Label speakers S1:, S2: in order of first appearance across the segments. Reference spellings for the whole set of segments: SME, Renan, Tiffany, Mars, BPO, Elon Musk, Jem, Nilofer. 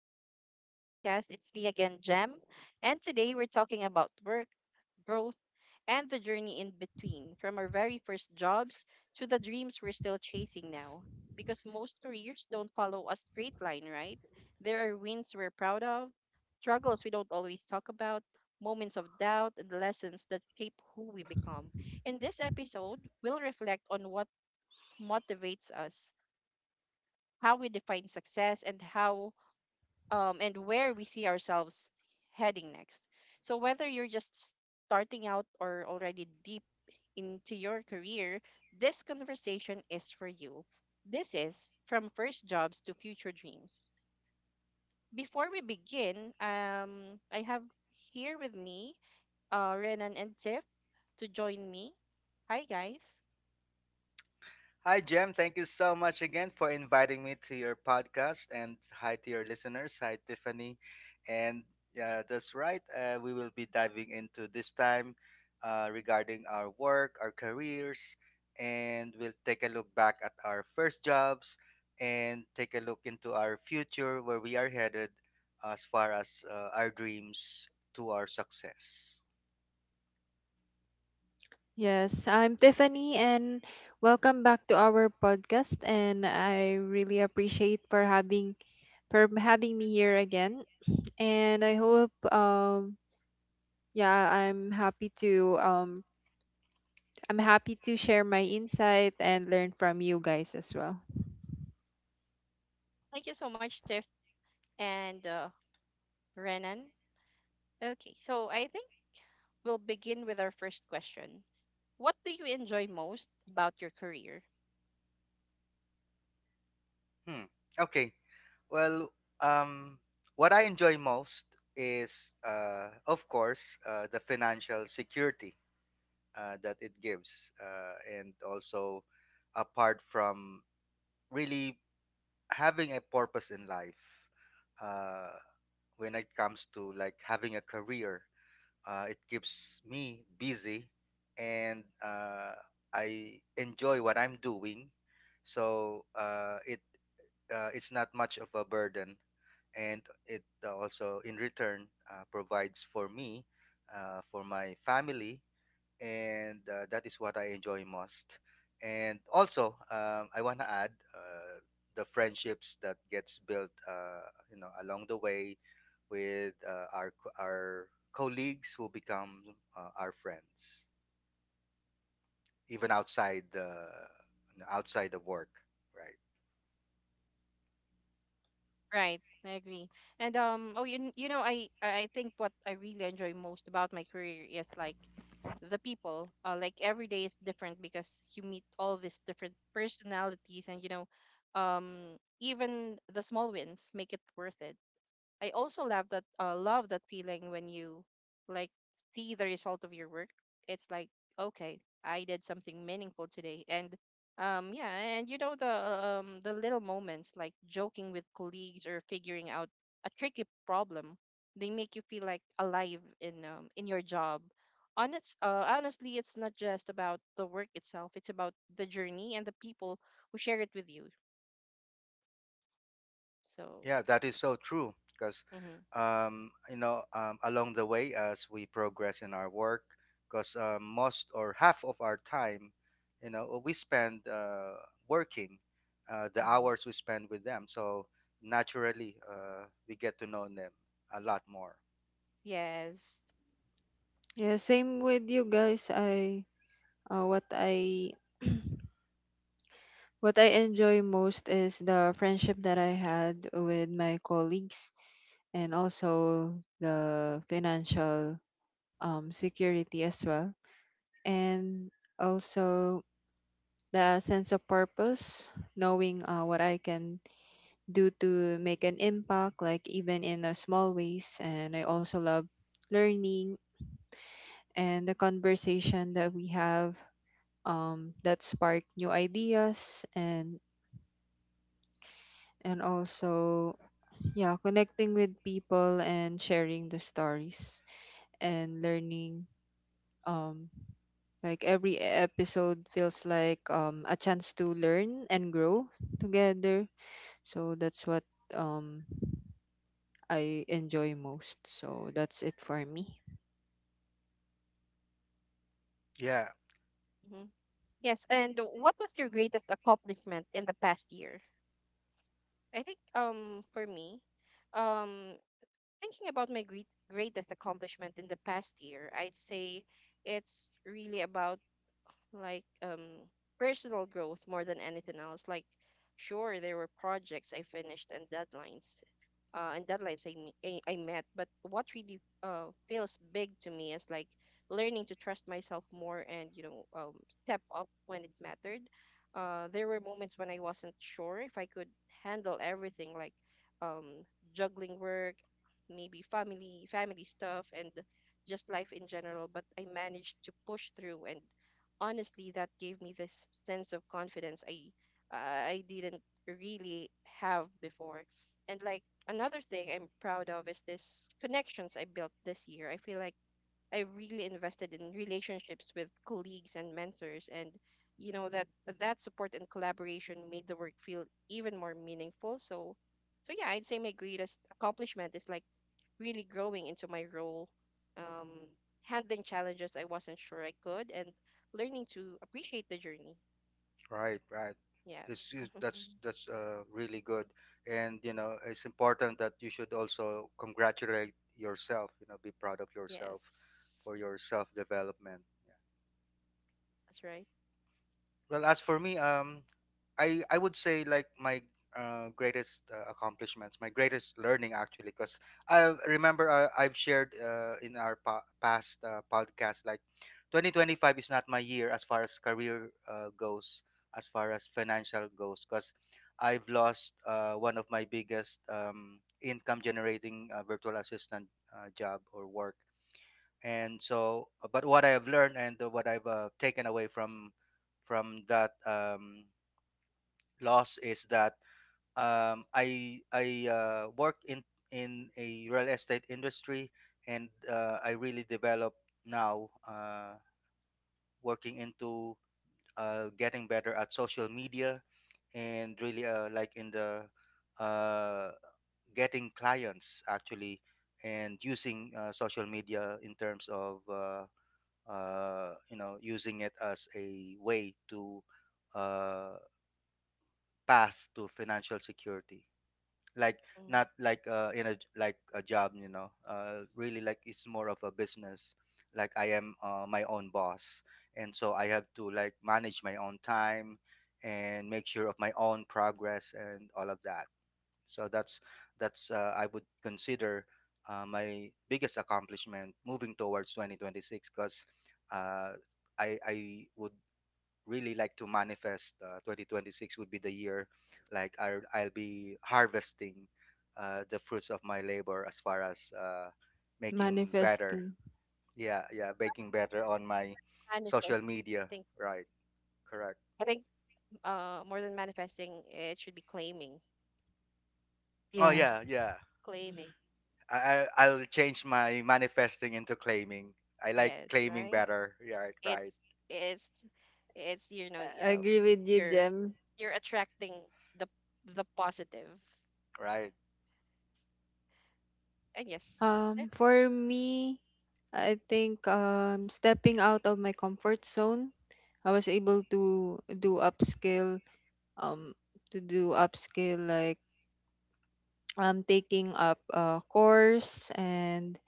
S1: Welcome back to the podcast. It's me again, Jem. And today we're talking about work, growth, and the journey in between from our very first jobs to the dreams we're still chasing now. Because most careers don't follow a straight line, right? There are wins we're proud of, struggles we don't always talk about, moments of doubt, and lessons that shape who we become. In this episode, we'll reflect on what motivates us, how we define success, and how and where we see ourselves heading next. So, whether you're just starting out or already deep into your career, this conversation is for you. This is from first jobs to future dreams. Before we begin, I have here with me Renan and Tiff to join me. Hi, guys.
S2: Hi, Jem. Thank you so much again for inviting me to your podcast. And hi to your listeners. Hi, Tiffany. And yeah, that's right. We will be diving into this time regarding our work, our careers, and we'll take a look back at our first jobs and take a look into our future, where we are headed as far as our dreams to our success.
S3: Yes, I'm Tiffany and welcome back to our podcast, and I really appreciate for having me here again. And I hope yeah, I'm happy to share my insight and learn from you guys as well.
S1: Thank you so much, Tiff and Renan. Okay, so I think we'll begin with our first question. What do you enjoy most about your career?
S2: Hmm. Okay. Well, um, what I enjoy most is, of course, the financial security that it gives, and also apart from really having a purpose in life. Uh, when it comes to like having a career, it keeps me busy, and I enjoy what I'm doing. So it it's not much of a burden, and it also in return provides for me, for my family, and that is what I enjoy most. And also, I want to add the friendships that gets built, you know, along the way with our colleagues who become our friends, even outside the outside of work, right?
S1: Right, I agree. And oh, you know, I think what I really enjoy most about my career is like the people. Like every day is different because you meet all these different personalities, and um, even the small wins make it worth it. I also love that feeling when you like see the result of your work. It's like okay, I did something meaningful today, and yeah, and you know the little moments like joking with colleagues or figuring out a tricky problem, they make you feel like alive in your job. Honestly, it's not just about the work itself. It's about the journey and the people who share it with you. So,
S2: Yeah, that is so true. Because,
S1: yeah. Mm-hmm,
S2: you know, along the way as we progress in our work, because most or half of our time, you know, we spend working, the
S1: mm-hmm.
S2: hours we spend with them. So naturally, we get to know them a lot more.
S1: Yes.
S3: Yeah, same with you guys. I What I what I enjoy most is the friendship that I had with my colleagues, and also the financial security as well, and also the sense of purpose, knowing what I can do to make an impact, like even in a small ways. And I also love learning and the conversation that we have that spark new ideas, and also, yeah, connecting with people and sharing the stories and learning. um Like every episode feels like a chance to learn and grow together. So that's what um, I enjoy most. So that's it for me.
S2: Yeah,
S1: Mm-hmm. Yes, and what was your greatest accomplishment in the past year? I think for me, um thinking about my greatest accomplishment in the past year, I'd say it's really about like um personal growth more than anything else. Like sure there were projects I finished and deadlines I met. But what really feels big to me is like learning to trust myself more and, you know, step up when it mattered. There were moments when I wasn't sure if I could handle everything, like um, juggling work, maybe family stuff, and just life in general. But I managed to push through, and honestly, that gave me this sense of confidence I didn't really have before, and like another thing I'm proud of is this connections I built this year. I feel like I really invested in relationships with colleagues and mentors, and you know that support and collaboration made the work feel even more meaningful. So yeah, I'd say my greatest accomplishment is like really growing into my role, um, handling challenges I wasn't sure I could and learning to appreciate the journey.
S2: right, right.
S1: Yeah.
S2: It's that's really good, and you know it's important that you should also congratulate yourself. You know, be proud of yourself
S1: Yes.
S2: for your self development.
S1: That's right.
S2: Well, as for me, I would say like my greatest accomplishments, my greatest learning actually, because I remember I've shared in our past podcast, like 2025 is not my year as far as career goes, as far as financial goes, because I've lost one of my biggest income generating virtual assistant job or work. And so but what I have learned and what I've taken away from that loss is that I worked in a real estate industry, and I really developed now, working into getting better at social media, and really like in the uh, getting clients actually, and using social media in terms of you know, using it as a way to uh, path to financial security. Like not
S1: Hmm.
S2: like in a like a job, you know. Really, like it's more of a business. Like I am my own boss, and so I have to like manage my own time and make sure of my own progress and all of that. So that's I would consider my biggest accomplishment moving towards 2026. Because uh, I would really like to manifest 2026 would be the year like I'll be harvesting the fruits of my labor as far as making better.
S3: Manifesting.
S2: Yeah, yeah, making better on my
S1: Manifest.
S2: social
S1: I
S2: media.
S1: think
S2: Right. Correct.
S1: I think more than manifesting it should be claiming.
S2: Oh
S3: Yeah,
S2: yeah, yeah.
S1: Claiming.
S2: I, I'll change my manifesting into claiming. I like
S1: Yes,
S2: claiming
S1: right,
S2: better. Yeah, right, right,
S1: it's it's it's you know,
S3: I
S1: um
S3: agree with you,
S1: you're
S3: Jem.
S1: you're attracting the the positive.
S2: right.
S1: And yes,
S3: For me, I think stepping out of my comfort zone, I was able to do upskill, um, to do upskill like taking up a course and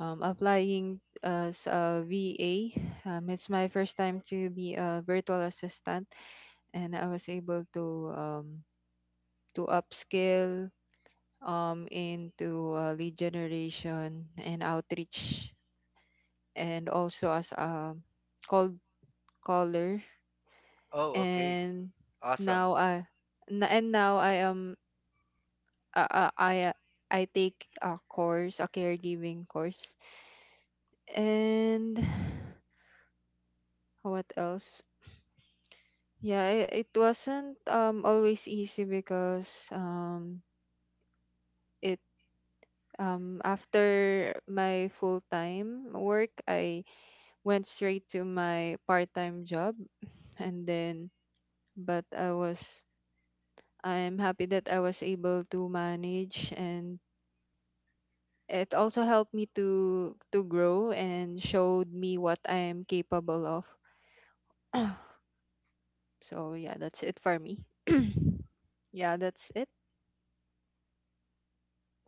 S3: applying as a VA. It's my first time
S1: definitely.
S3: to be a virtual assistant, and I was able um, to upskill into lead generation and outreach, and also as a cold caller.
S2: Oh, okay,
S3: And
S2: awesome.
S3: now I n- and now I am I I, I I take a course, a caregiving course, and what else? Yeah, it wasn't always easy because it um, after my full-time work, I went straight to my part-time job and then but I was I'm happy that I was able to manage, and it also helped me to grow and showed me what I am capable of. So yeah, that's it for me. Yeah, that's it.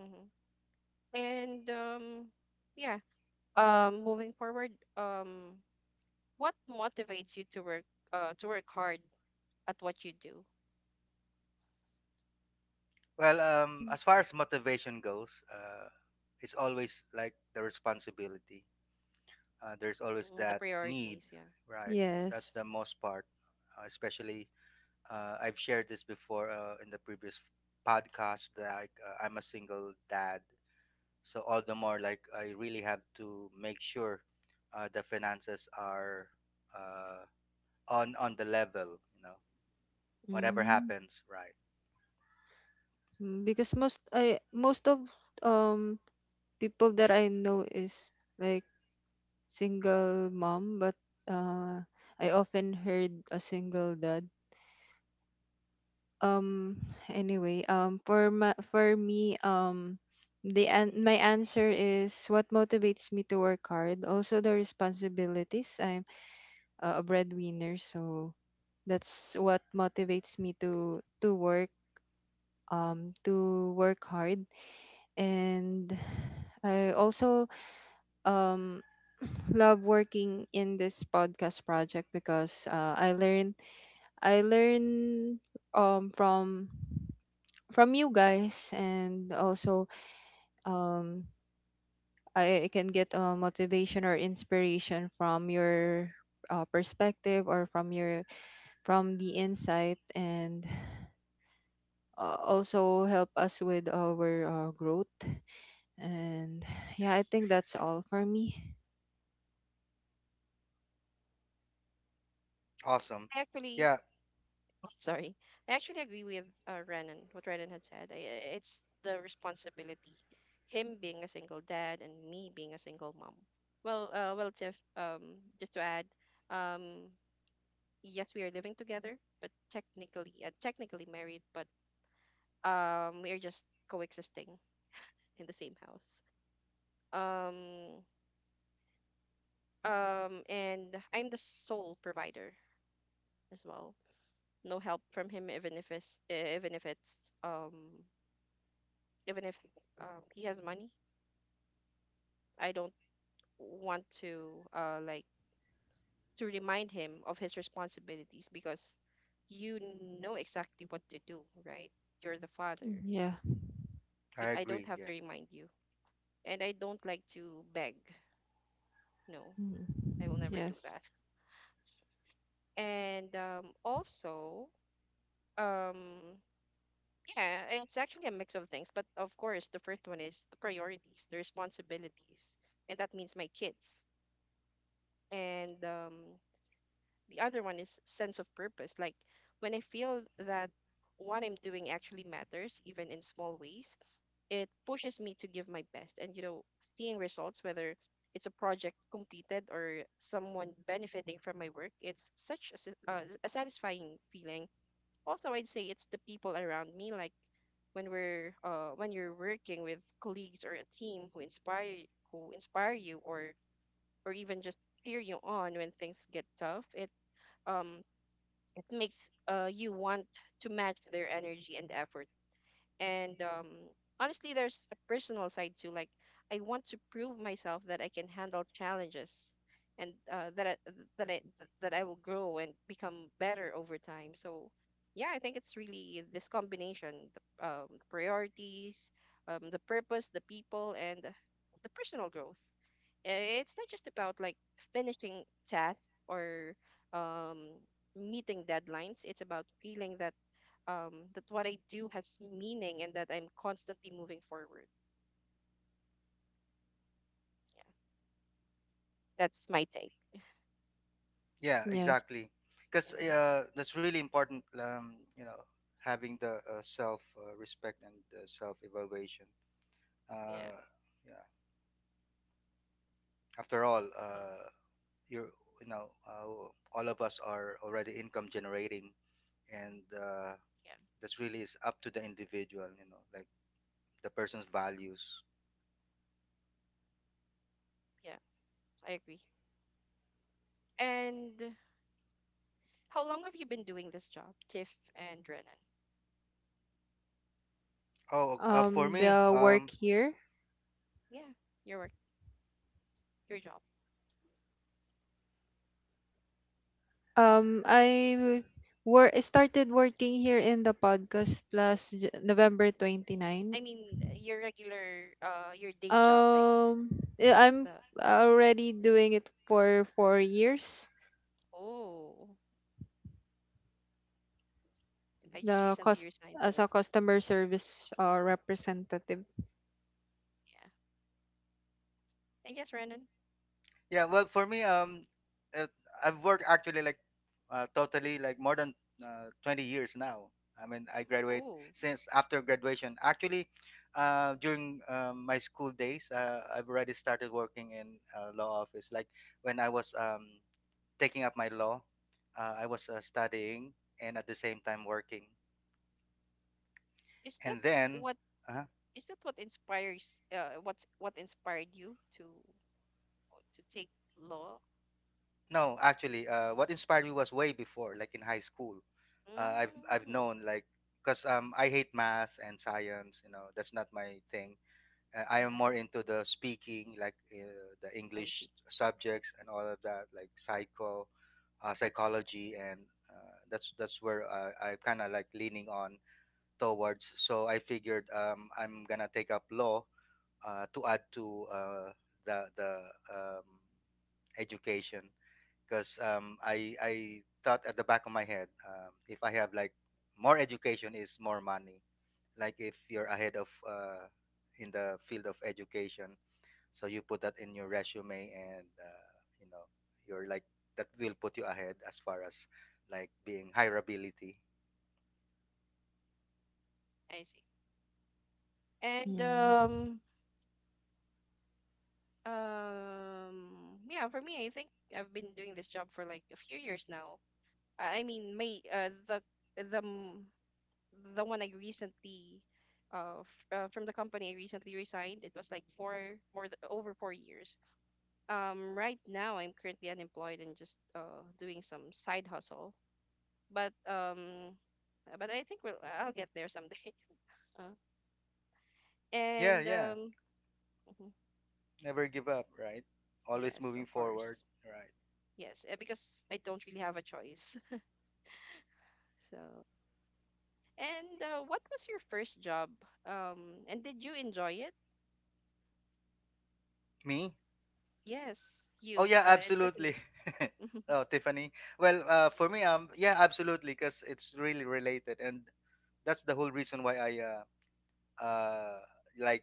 S1: Hmm. And yeah, moving forward, um what motivates you to work hard at what you do?
S2: Well,
S3: Yeah.
S2: as far as motivation goes, it's always like the responsibility. There's always
S1: Mm, the
S2: that need,
S1: priorities, yeah.
S2: right?
S1: Mhm.
S2: That's
S3: Yes.
S2: the most part, especially. I've shared this before in the previous podcast that I'm a single dad. So all the more like I really have to make sure the finances are uh, on the level, you know, whatever
S3: Mm,
S2: happens, right?
S3: because most of um people that I know is like single mom, but uh I often heard a single dad. Um, anyway, for my for me the an- my answer is what motivates me to work hard. Also the responsibilities. I. Uh, a breadwinner, so that's what motivates me to work hard. And I also um love working in this podcast project because I learn um from from you guys, and also um I can get motivation or inspiration from your uh, perspective or from your from the insight, and also help us with our growth. And yeah, I think that's all for me.
S2: Awesome.
S1: I actually,
S2: Yeah,
S1: sorry, I actually agree with Renan, what Renan had said. It's the responsibility, him being a single dad and me being a single mom. Well, Tiff, just to add, um, yes, we are living together, but technically married, but we are just coexisting in the same house. Um, and I'm the sole provider as well, no help from him even if it's eh, even if it's even if he has money. I don't want to like to remind him of his responsibilities because you know exactly what to do, right? You're the father.
S3: Yeah.
S1: You,
S2: I
S1: I don't
S2: agree.
S1: have
S2: Yeah,
S1: to remind you, and I don't like to beg. No,
S3: Mm.
S1: I will never do
S3: Yes.
S1: that. And also, um yeah, it's actually a mix of things, but of course, the first one is the priorities, the responsibilities, and that means my kids. And the other one is sense of purpose. Like when I feel that what I'm doing actually matters, even in small ways, it pushes me to give my best. And you know, seeing results, whether it's a project completed or someone benefiting from my work, it's such a, a satisfying feeling. Also, I'd say it's the people around me, like when you're working with colleagues or a team who inspire you or even just cheer you on when things get tough. Um it makes you want to match their energy and effort. And honestly, there's a personal side too. Like, I want to prove myself that I can handle challenges and that I that I will grow and become better over time. So, yeah, I think it's really this combination: the priorities, the purpose, the people, and the personal growth. uh, it's not just about like finishing tasks or um, meeting deadlines. It's about feeling that that what I do has meaning and that I'm constantly moving forward. Yeah, that's my take.
S2: yeah,
S3: Yes.
S2: exactly. Because
S1: Hmm.
S2: that's really important. You know, having the self respect and self evaluation.
S1: Yeah,
S2: Uh, yeah. After all,
S1: hmm,
S2: you're you know, all of us are already income generating, and
S1: yeah,
S2: that's really is up to the individual, you know, like the person's values.
S1: yeah, I agree. And how long have you been doing this job, Tiff and Renan?
S2: Oh ok, for me
S3: The work here.
S1: Yeah, your work, your job.
S3: Um,
S1: I think.
S3: I I started working here in the podcast last November
S1: I
S3: 29.
S1: mean, your regular, your day job, like
S3: Um, I'm
S1: the.
S3: already doing it for 4 years.
S1: Oh, I just
S3: The
S1: recently
S3: cost
S1: resigned,
S3: as
S1: so
S3: a customer service representative.
S1: yeah. And yes, Renan.
S2: Yeah, well, for me, uh, I've worked actually like totally like more than 20 years now. I mean, I graduate
S1: Oh,
S2: since after graduation actually. During my school days I've already started working in law office, like when I was taking up my law, I was studying and at the same time working,
S1: is that
S2: and then
S1: what is that what inspires? What inspired you to, oh, to take law.
S2: no, actually, what inspired me was way before, like in high school. I've
S1: Mm,
S2: known like because I hate math and science. You know, that's not my thing. I am
S1: mm-hmm.
S2: more into the speaking, like the
S1: I
S2: English
S1: see.
S2: subjects and all of that, like psychology, and that's where I kind of like leaning on towards. So I figured I'm gonna take up law to add to the um, education. Because I thought at the back of my head, if I have like more education is more money. Like if you're ahead of in the field of education, so you put that in your resume, and you know you're like that will put you ahead as far as like being hireability.
S1: I see. And
S3: Mm.
S1: um yeah, for me, I think I've been doing this job for like a few years now. I mean, my the m- the one I recently from the company I recently resigned. It was like four more th- over 4 years. Right now I'm currently unemployed and just doing some side hustle. But um, but I think we'll I'll get there someday. Uh,
S2: Yeah,
S1: and
S2: yeah.
S1: mhm,
S2: Never give up, right? Always
S1: yes,
S2: moving
S1: of
S2: forward,
S1: course.
S2: right?
S1: Yes, eh, because I don't really have a choice. So, and what was your first job? And did you enjoy it?
S2: Me?
S1: Yes,
S2: Oh
S1: you
S2: yeah,
S1: and
S2: absolutely.
S1: Tiffany.
S2: Oh, Tiffany. Well, for me, yeah, absolutely, because it's really related, and that's the whole reason why I uh, like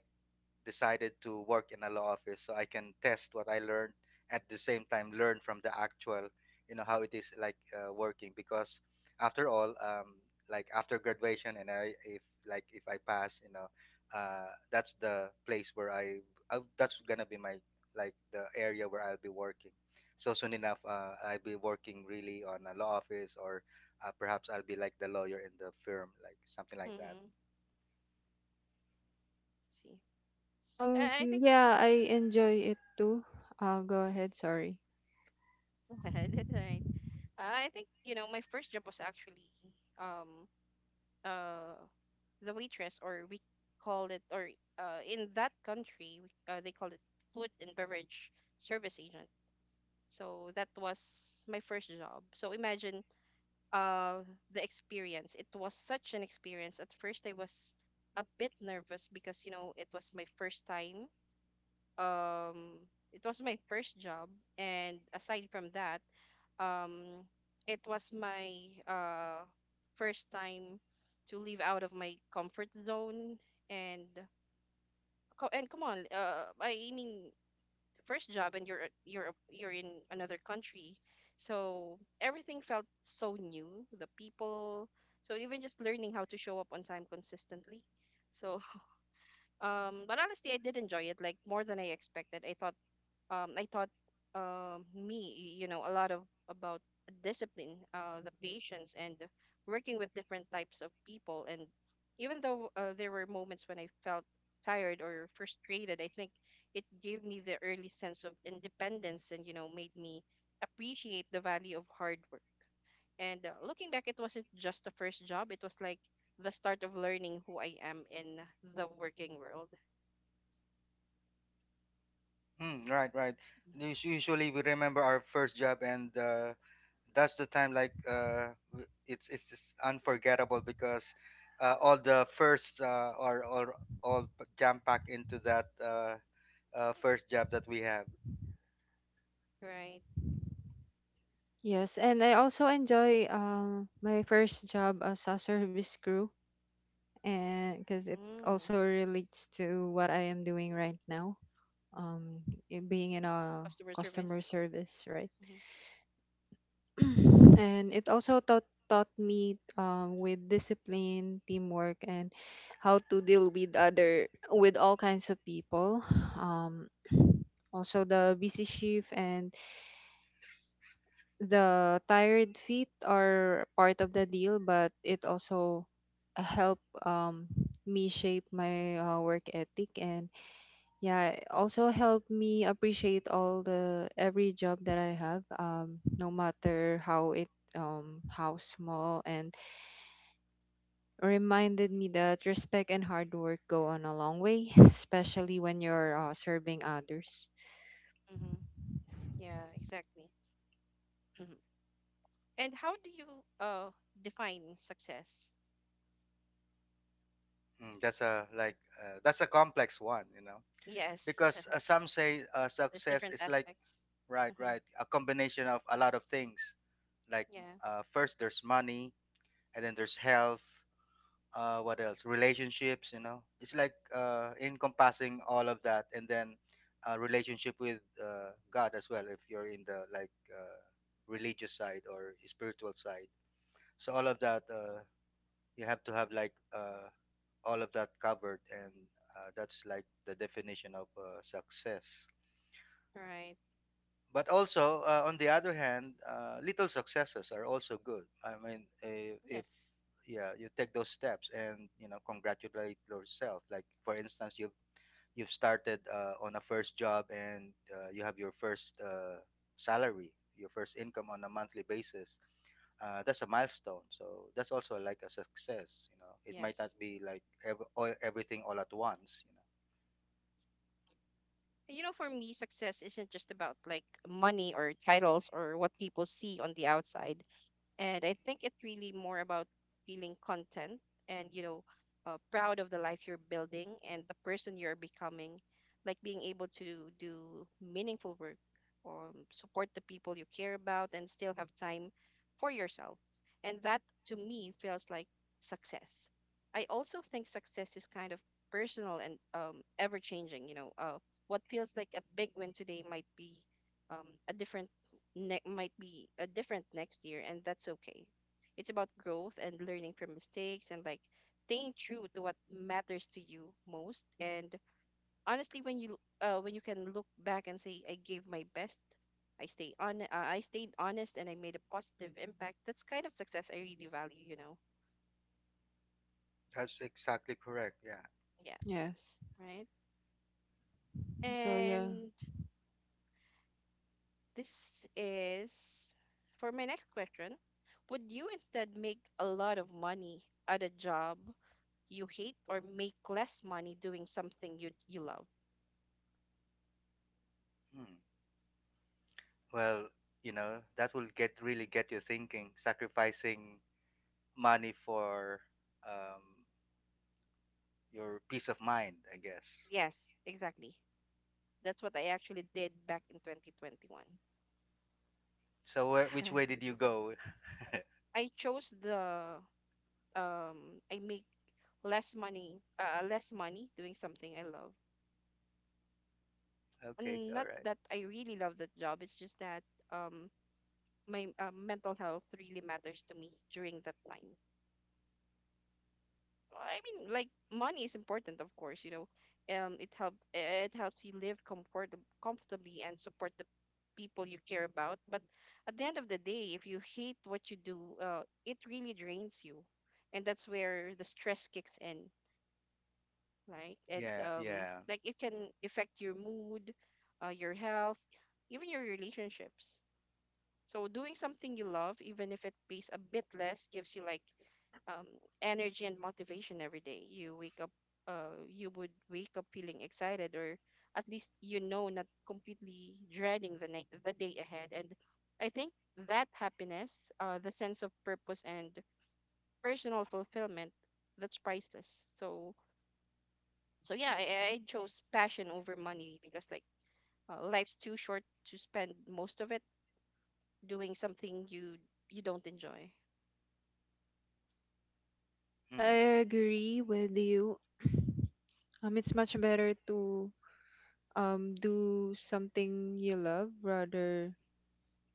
S2: decided to work in a law office so I can test what I learned, at the same time learn from the actual, you know, how it is like working. Because after all like after graduation, and I if like if I pass, you know, that's the place where I that's gonna be my like the area where I'll be working. So soon enough I'll be working really on a law office, or perhaps I'll be like the lawyer in the firm, like something like that.
S1: Mm-hmm. See, I think
S3: Yeah, I enjoy it too. Go ahead, sorry.
S1: that's all right. I think you know my first job was actually um uh the waitress, or we call it, or in that country they call it food and beverage service agent. So that was my first job. So imagine uh the experience. It was such an experience. At first I was a bit nervous because you know it was my first time. Um it was my first job, and aside from that, um it was my first time to leave out of my comfort zone and come on, I mean, first job and you're in another country, so everything felt so new, the people, so even just learning how to show up on time consistently, so but honestly, I did enjoy it, like more than I expected. I taught me, you know, a lot of about discipline, the patience, and working with different types of people. And even though there were moments when I felt tired or frustrated, I think it gave me the early sense of independence and, you know, made me appreciate the value of hard work. And looking back, it wasn't just the first job, it was like the start of learning who I am in the working world.
S2: Mm, right, right. Usually we remember our first job, and that's the time like it's just unforgettable because all the first are all all jam packed into that first job that we have.
S1: Right.
S3: Yes, and I also enjoy my first job as a service crew, and because it
S1: Mm.
S3: also relates to what I am doing right now. Um, being in a
S1: Customer
S3: customer
S1: service.
S3: service, right?
S1: Mm-hmm.
S3: And it also taught me with discipline, teamwork, and how to deal with other with all kinds of people. um, Also, the busy shift and the tired feet are part of the deal, but it also help me shape my work ethic. And yeah, it also helped me appreciate all the every job that I have, no matter how it how small, and reminded me that respect and hard work go on a long way, especially when you're serving others.
S1: Mm-hmm. Yeah, exactly. Hmm. And how do you uh define success?
S2: That's a like that's a complex one, you know,
S1: Yes,
S2: because some say
S1: there's
S2: success
S1: different
S2: is like
S1: aspects.
S2: right,
S1: Mm-hmm.
S2: right, a combination of a lot of things. Like
S1: Yeah,
S2: first there's money, and then there's health, what else, relationships, you know, it's like encompassing all of that, and then a relationship with god as well, if you're in the like uh, religious side or spiritual side. So all of that you have to have like all of that covered, and that's like the definition of success.
S1: right.
S2: But also on the other hand little successes are also good. I mean, if
S1: Yes,
S2: yeah you take those steps and you know congratulate yourself, like for instance you've started on a first job, and you have your first salary, your first income on a monthly basis, that's a milestone, so that's also like a success. You know, it might not
S1: yes.
S2: be like everything all at once, you know.
S1: And you know, for me, success isn't just about like money or titles or what people see on the outside. And I think it's really more about feeling content and, you know, proud of the life you're building and the person you're becoming, like being able to do meaningful work or support the people you care about and still have time for yourself. And that to me feels like success. I also think success is kind of personal and ever changing. You know, what feels like a big win today might be um, a different different next year, and that's okay. It's about growth and learning from mistakes and like staying true to what matters to you most. And honestly, when you can look back and say, "I gave my best, I stayed honest, and I made a positive impact." That's kind of success I really value, you know.
S2: That's exactly correct, yeah.
S1: Yeah,
S3: Yes.
S1: right.
S3: So yeah.
S1: And this is for my next question. Would you instead make a lot of money at a job you hate, or make less money doing something you love?
S2: Hmm. Well, you know, that will get really get you thinking, sacrificing money for um, your peace of mind, I guess.
S1: Yes, exactly. That's what I actually did back in 2021.
S2: So, which way did
S1: That's
S2: you
S1: exactly.
S2: go?
S1: I chose the I make less money, less money doing something I love.
S2: Okay,
S1: And
S2: all
S1: not
S2: right.
S1: that I really love that job, it's just that um my mental health really matters to me during that time. I mean, like money is important, of course. It helps you live comfortably and support the people you care about. But at the end of the day, if you hate what you do, it really drains you, and that's where the stress kicks in. Like and
S2: Yeah,
S1: um,
S2: yeah.
S1: like it can affect your mood, your health, even your relationships. So doing something you love, even if it pays a bit less, gives you um, energy and motivation every day. You wake up, you would wake up feeling excited, or at least not completely dreading the day ahead. And I think that happiness, the sense of purpose and personal fulfillment, that's priceless. So yeah, I chose passion over money because life's too short to spend most of it doing something you don't enjoy.
S3: I
S2: Hmm.
S3: I agree
S1: I
S3: with
S1: say.
S3: you. Um, it's much better to do something you love rather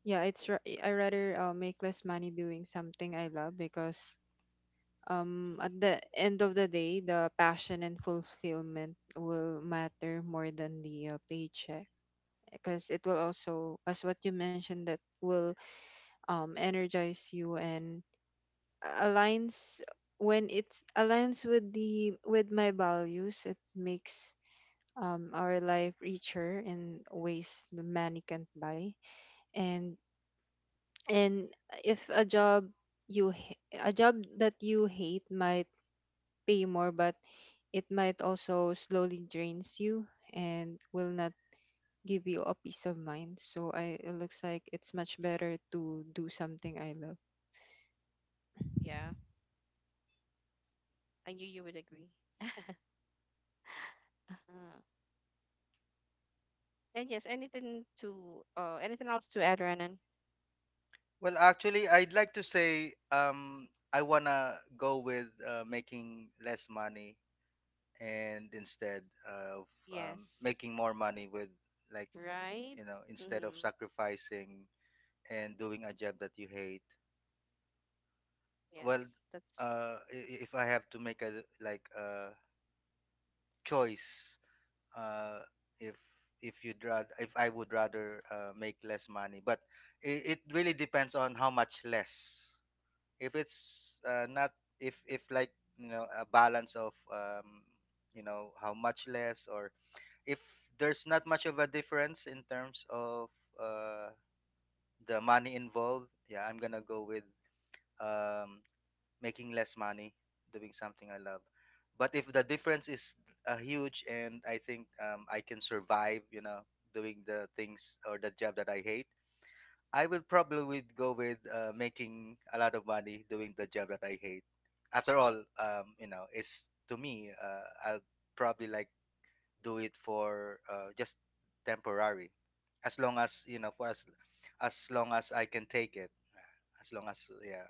S3: yeah, I rather make less money doing something I love, because at the end of the day, the passion and fulfillment will matter more than the paycheck, because it will also, as what you mentioned, that will energize you, and aligns when it's aligns with the with my values, it makes our life richer in ways the money can't buy. And and if a job a job that you hate might pay more, but it might also slowly drains you and will not give you a peace of mind. So I, it looks like it's much better to do something I love.
S1: Yeah, I knew you would agree. Uh, and yes, anything to anything else to add, Renan?
S2: Well, actually, I'd like to say I wanna go with making less money and instead of
S1: Yes,
S2: making more money with like
S1: right.
S2: you know, instead of
S1: Mm-hmm.
S2: sacrificing and doing a job that you hate. Well,
S1: Yes, that's.
S2: if I have to make a like a choice, uh if if you'd rather, if I would rather make less money, but it really depends on how much less. If it's not, if if like you know, a balance of you know how much less, or if there's not much of a difference in terms of uh the money involved, yeah, I'm gonna go with um making less money doing something I love. But if the difference is huge and I think I can survive, you know, doing the things or the job that I hate, I will probably would go with making a lot of money doing the job that I hate. After all, you know, it's to me, I'll probably like do it for just temporary, as long as you know, for as long as I can take it, as long as yeah,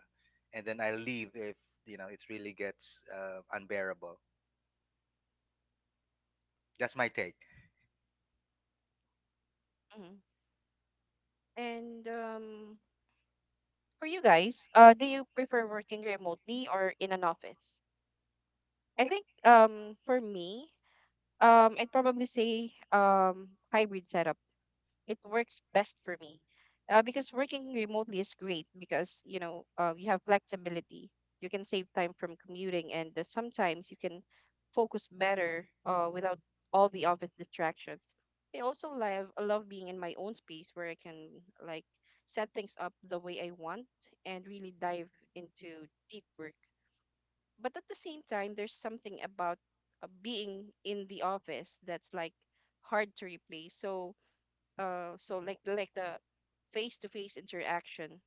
S2: and then I leave if you know it really gets unbearable. That's my take.
S1: Mhm. And for you guys, do you prefer working remotely or in an office? I think for me, I'd probably say hybrid setup, it works best for me, because working remotely is great because you have flexibility, you can save time from commuting, and sometimes you can focus better, without all the office distractions. I love being in my own space where I can, like, set things up the way I want and really dive into deep work. But at the same time, there's something about being in the office that's like hard to replace. So, like, the face-to-face interaction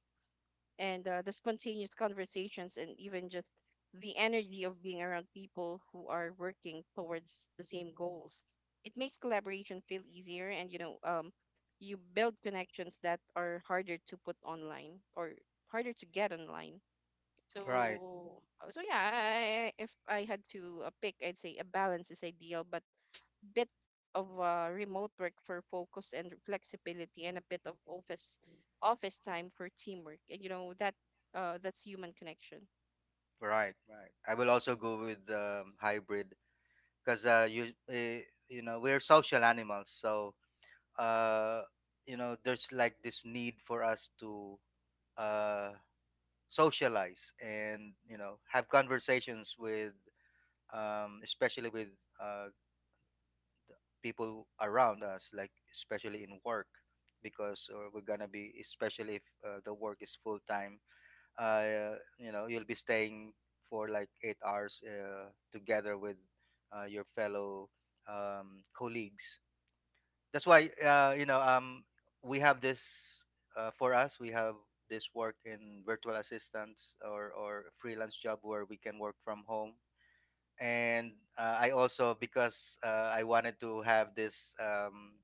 S1: and the spontaneous conversations, and even just the energy of being around people who are working towards the same goals, it makes collaboration feel easier, and you build connections that are harder to put online or harder to get online.
S2: Right,
S1: So so yeah I, I- if I had to pick, I'd say a balance is ideal, but bit of remote work for focus and flexibility, and a bit of office time for teamwork. And you know that, that's human connection.
S2: right, right. I will also go with hybrid because you know we're social animals, so uh, you know there's like this need for us to uh, socialize and you know have conversations with especially with uh, people around us, like especially in work, because we're gonna be, especially if the work is full time, you know, you'll be staying for like 8 hours together with your fellow colleagues. That's why we have this for us. We have this work in virtual assistants or freelance job where we can work from home and I also because I wanted to have this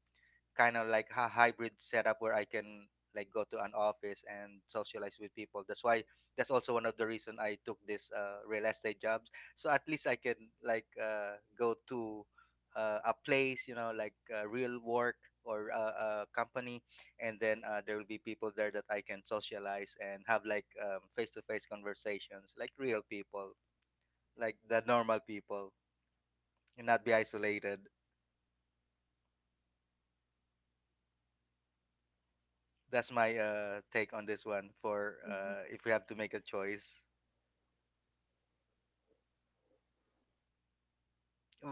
S2: kind of like a hybrid setup where I can like go to an office and socialize with people. That's why that's also one of the reason I took this real estate jobs. So at least I can like go to a place, you know, like real work or a company, and then there will be people there that I can socialize and have like face-to-face conversations, like real people, like the normal people, and not be isolated. That's my take on this one. For if we have to make a choice,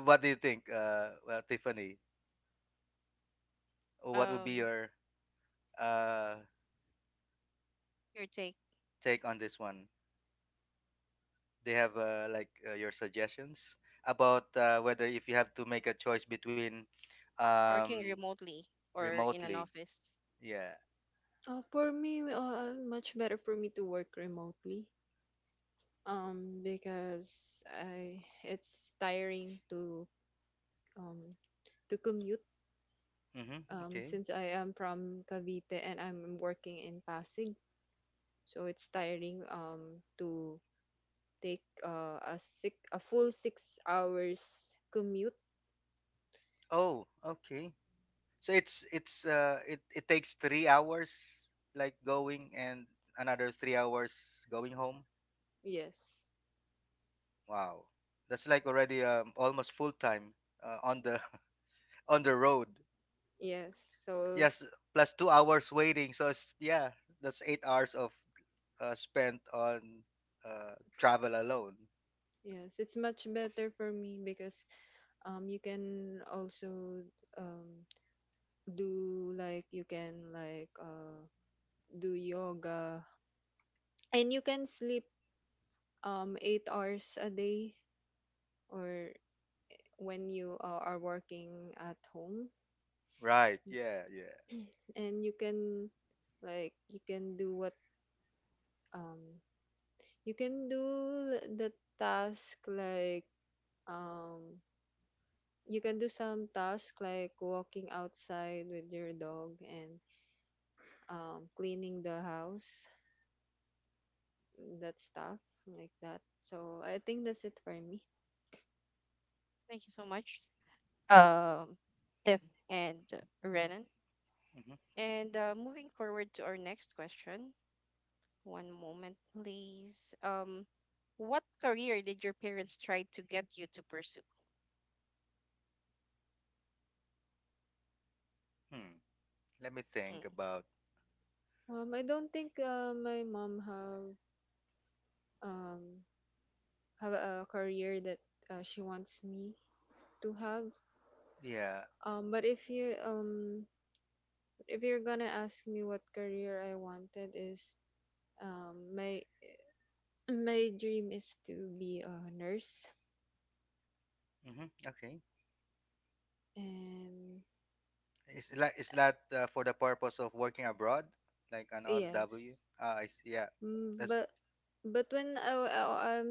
S2: what do you think, well, Tiffany? What would be
S1: Um,
S2: your uh,
S1: your take,
S2: take on this one? Do you have your suggestions about whether if you have to make a choice between
S1: working
S2: um,
S1: remotely or in an
S2: remotely?
S1: office.
S2: Yeah.
S3: For me, much better for me to work remotely. Because I, it's tiring um to commute.
S2: Mm-hmm. Okay.
S3: Since I am from Cavite and I'm working in Pasig, so it's tiring to take a full 6 hours commute.
S2: Oh, okay. So it takes 3 hours like going and another 3 hours going home.
S3: Yes.
S2: Wow, that's like already almost full time on the on the road.
S3: Yes. So
S2: Yes, plus 2 hours waiting. So it's, yeah, that's 8 hours of spent on travel alone.
S3: yes, it's much better for me because you can also um do like you can like uh do yoga, and you can sleep 8 hours a day, or when you are working at home,
S2: Right. Yeah. Yeah.
S3: and you can like you can do what um You can do the task like um you can do some task, like walking outside with your dog and cleaning the house, that stuff like that. So I think that's it for me.
S1: Thank you so much, um, Tiff and Renan.
S2: Hmm.
S1: And moving forward to our next question. One moment, please. What career did your parents try to get you to pursue?
S2: Hmm. Let me
S1: Mm.
S2: think about.
S3: Um, I don't think my mom have um a career that she wants me to have.
S2: Yeah.
S3: Um, but if you're gonna ask me what career I wanted is um my my dream is to be a nurse,
S2: hmm Okay.
S3: and
S2: Is like is that for the purpose of working abroad, like an OFW?
S3: yes.
S2: Ah, I see. Yeah.
S3: Mm,
S2: That's.
S3: but when I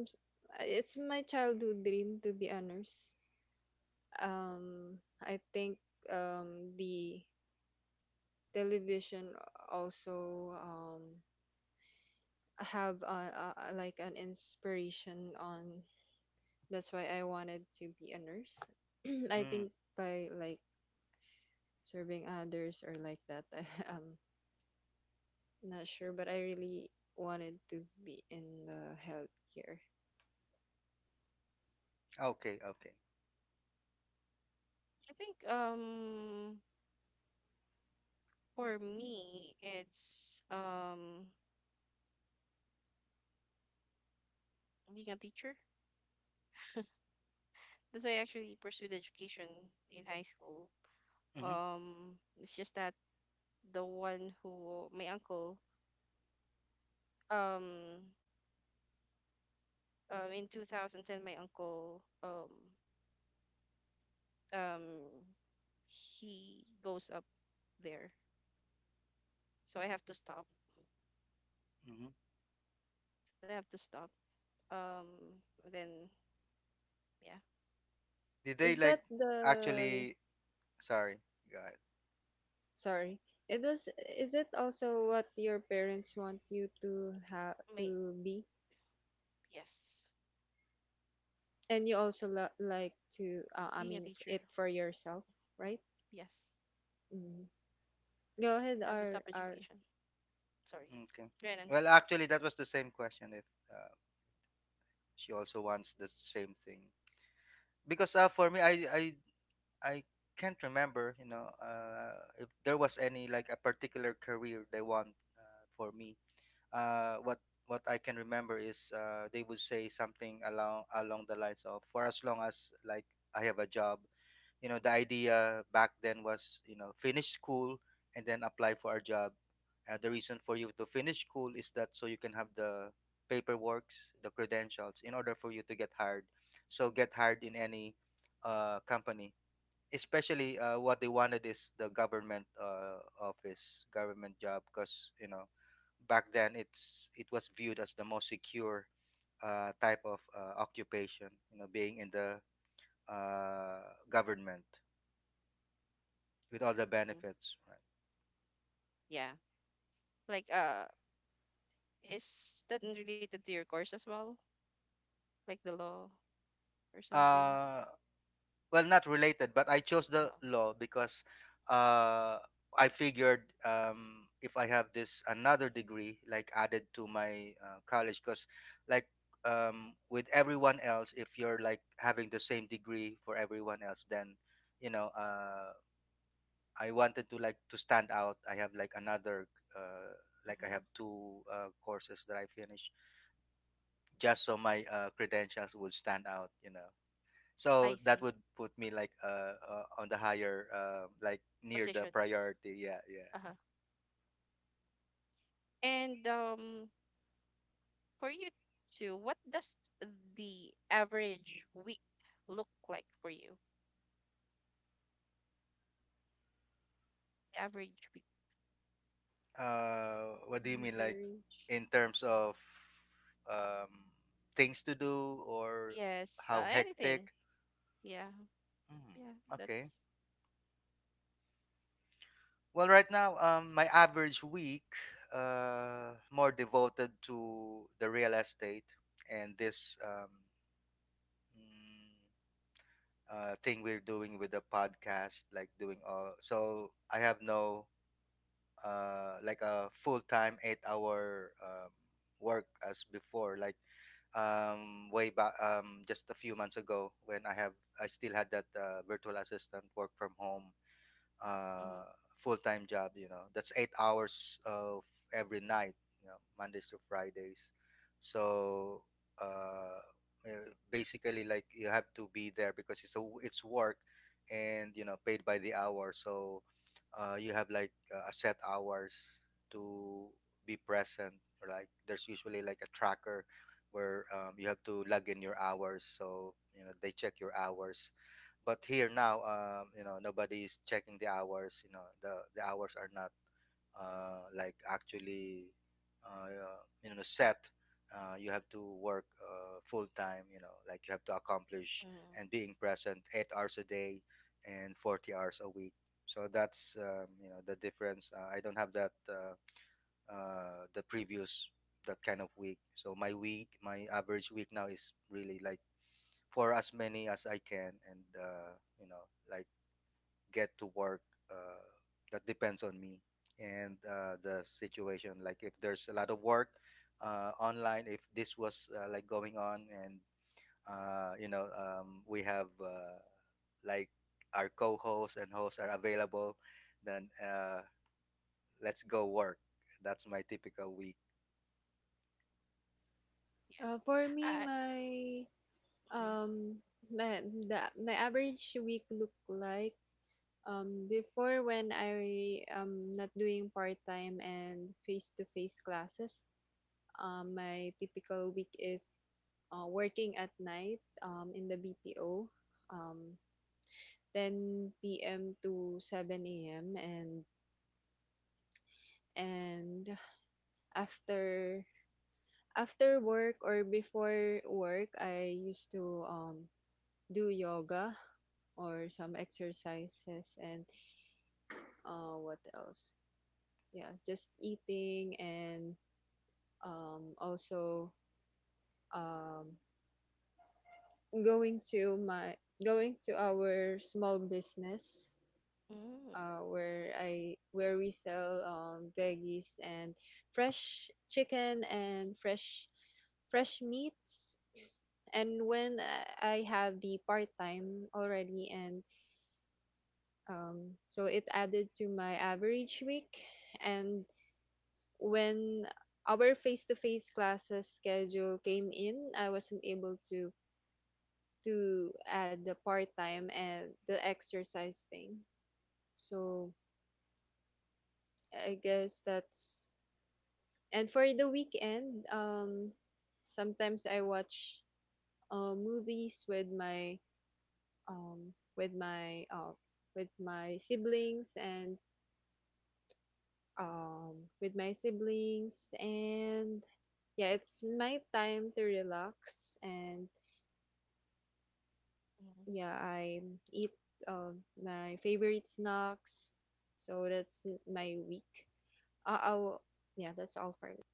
S3: it's my childhood dream to be a nurse. I think the television also have like an inspiration on. That's why I wanted to be a nurse. I think
S2: Mm.
S3: by like serving others or like that, um not sure, but I really wanted to be in the healthcare.
S2: Okay. Okay.
S1: I think for me, it's being a teacher. That's why I actually pursued education in high school.
S2: hmm
S1: It's just that the one who my uncle um in 2010, my uncle, um he goes up there, so I have to stop.
S2: hmm
S1: So I have to stop. Um, and then yeah,
S2: Did
S3: Is
S2: they
S3: that
S2: like
S3: the,
S2: actually Sorry. Got it.
S3: sorry, it was, is it also what your parents want you to have
S1: my
S3: to be?
S1: Yes,
S3: And you also like to, I mean,
S1: being a
S3: it
S1: teacher,
S3: for yourself, right?
S1: yes,
S3: Mm. Go ahead,
S1: I have to
S3: R,
S1: stop
S3: R.
S1: education. Sorry,
S2: Okay.
S1: Renan.
S2: Well, actually, that was the same question. If uh, she also wants the same thing, because for me, I can't remember. You know, if there was any like a particular career they want for me. Uh, what what I can remember is they would say something along the lines of for as long as like I have a job. You know, the idea back then was, you know, finish school and then apply for a job. The reason for you to finish school is that so you can have the paperworks, the credentials in order for you to get hired, so get hired in any company, especially what they wanted is the government office, government job, because you know back then it was viewed as the most secure type of occupation, you know, being in the uh, government with all the benefits, right?
S1: Yeah. Like, is that related to your course as well? Like the law or something?
S2: Uh, well, not related, but I chose the
S1: Oh.
S2: law because uh, I figured if I have this another degree, like added to my college, because like with everyone else, if you're like having the same degree for everyone else, then you know I wanted to like to stand out. I have like another. Uh, like I have
S1: Mm-hmm.
S2: two courses that I finished, just so my credentials would stand out, you know. So
S1: I
S2: that
S1: see.
S2: would put me like on the higher like near the
S1: Position.
S2: priority. Yeah, yeah.
S1: Uh-huh. And for you too, what does the average week look like for you? The average week.
S2: What do you mean like
S3: Very.
S2: in terms of um things to do or
S1: Yes.
S2: how
S1: Anything.
S2: hectic?
S1: Yeah.
S2: Hmm,
S1: Yeah.
S2: okay.
S1: That's.
S2: Well, right now my average week more devoted to the real estate and this mm, thing we're doing with the podcast, like doing all. So I have no like a full-time eight-hour work as before. Like way back, just a few months ago, when I still had that virtual assistant work from home uh,
S1: Mm-hmm.
S2: full-time job, you know, that's 8 hours of every night, you know, mondays to fridays. So uh, uh, basically like you have to be there because it's work, and you know paid by the hour. So you have like a set hours to be present, like there's usually like a tracker where you have to log in your hours, so you know they check your hours. But here now you know nobody is checking the hours, you know the hours are not like actually uh you know set. You have to work full time, you know, like you have to accomplish
S1: Mm-hmm.
S2: and being present 8 hours a day and 40 hours a week. So that's you know the difference. I don't have that the previous, that kind of week. So my week, my average week now is really like for as many as I can. And you know like get to work uh, that depends on me and the situation, like if there's a lot of work online, if this was like going on. And you know we have like our co-hosts and hosts are available, then let's go work. That's my typical week.
S1: Yeah.
S3: For me,
S1: I.
S3: um my average week look like, um, before when I am not doing part time and face to face classes, my typical week is working at night in the BPO, um, 10 p.m. to 7 a.m. And and after after work or before work, I used to do yoga or some exercises, and what else? Yeah, just eating, and also um, going to my going to our small business
S1: Mm-hmm.
S3: where I where we sell veggies and fresh chicken and fresh meats. And when I had the part time already, and so it added to my average week. And when our face to face classes schedule came in, I wasn't able to add the part time and the exercise thing. So I guess that's, and for the weekend, sometimes I watch movies with my with my with my siblings, and um with my siblings and yeah, it's my time to relax, and
S1: Mhm.
S3: yeah, I eat uh, my favorite snacks. So that's my week. I'll, yeah, that's all for me.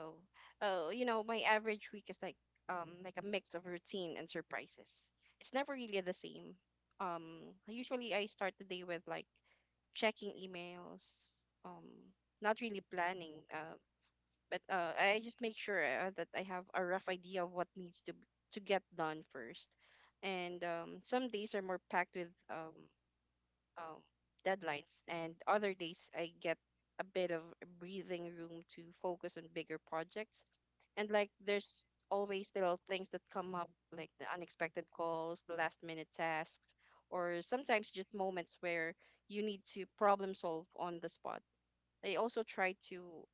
S1: Oh, oh, you know, my average week is like a mix of routine and surprises. It's never really the same. Usually I start the day with, like, checking emails, um, not really planning, but I just make sure that I have a rough idea of what needs to get done first. And some days are more packed with um, deadlines, and other days I get a bit of breathing room to focus on bigger projects. And, like, there's always little things that come up, like the unexpected calls, the last minute tasks, or sometimes just moments where you need to problem solve on the spot. I also try to,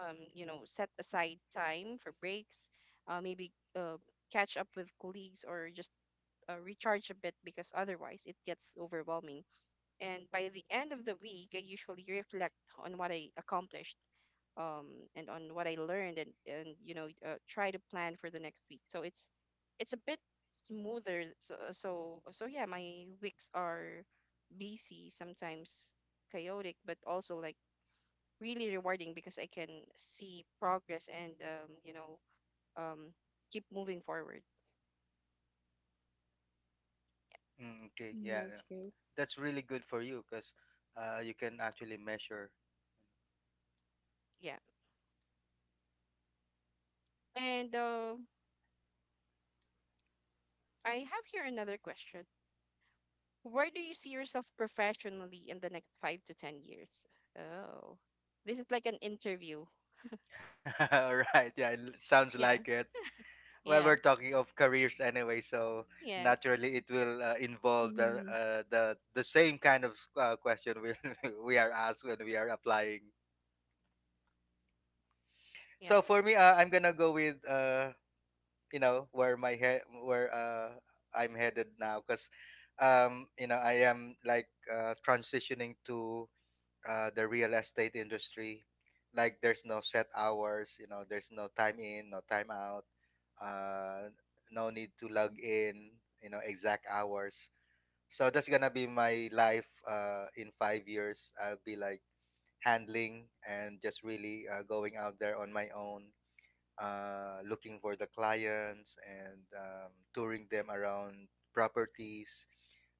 S1: you know, set aside time for breaks, maybe catch up with colleagues, or just recharge a bit, because otherwise it gets overwhelming. And by the end of the week, I usually reflect on what I accomplished, um, and on what I learned, and you know, try to plan for the next week, so it's a bit smoother. So yeah, my weeks are busy, sometimes chaotic, but also, like, really rewarding because I can see progress and, you know um, keep moving forward.
S2: Mm, okay,
S3: Mm,
S2: yeah,
S3: that's
S2: yeah.
S3: great.
S2: That's really good for you because you can actually measure.
S1: Yeah, and I have here another question. Where do you see yourself professionally in the next 5 to 10 years? Oh, this is like an interview.
S2: Right. Yeah, it l- sounds
S1: Yeah.
S2: like it. Well, we're
S1: Yeah.
S2: talking of careers anyway, so
S1: Yes.
S2: naturally it will involve the
S3: Mm,
S2: the same kind of question we we are asked when we are applying.
S1: Yeah.
S2: So for me, I'm gonna go with you know where my head, where I'm headed now, because you know I am like transitioning to the real estate industry. Like there's no set hours, you know, there's no time in, no time out, uh, no need to log in, you know, exact hours. So that's gonna be my life in 5 years. I'll be like handling and just really going out there on my own, looking for the clients and touring them around properties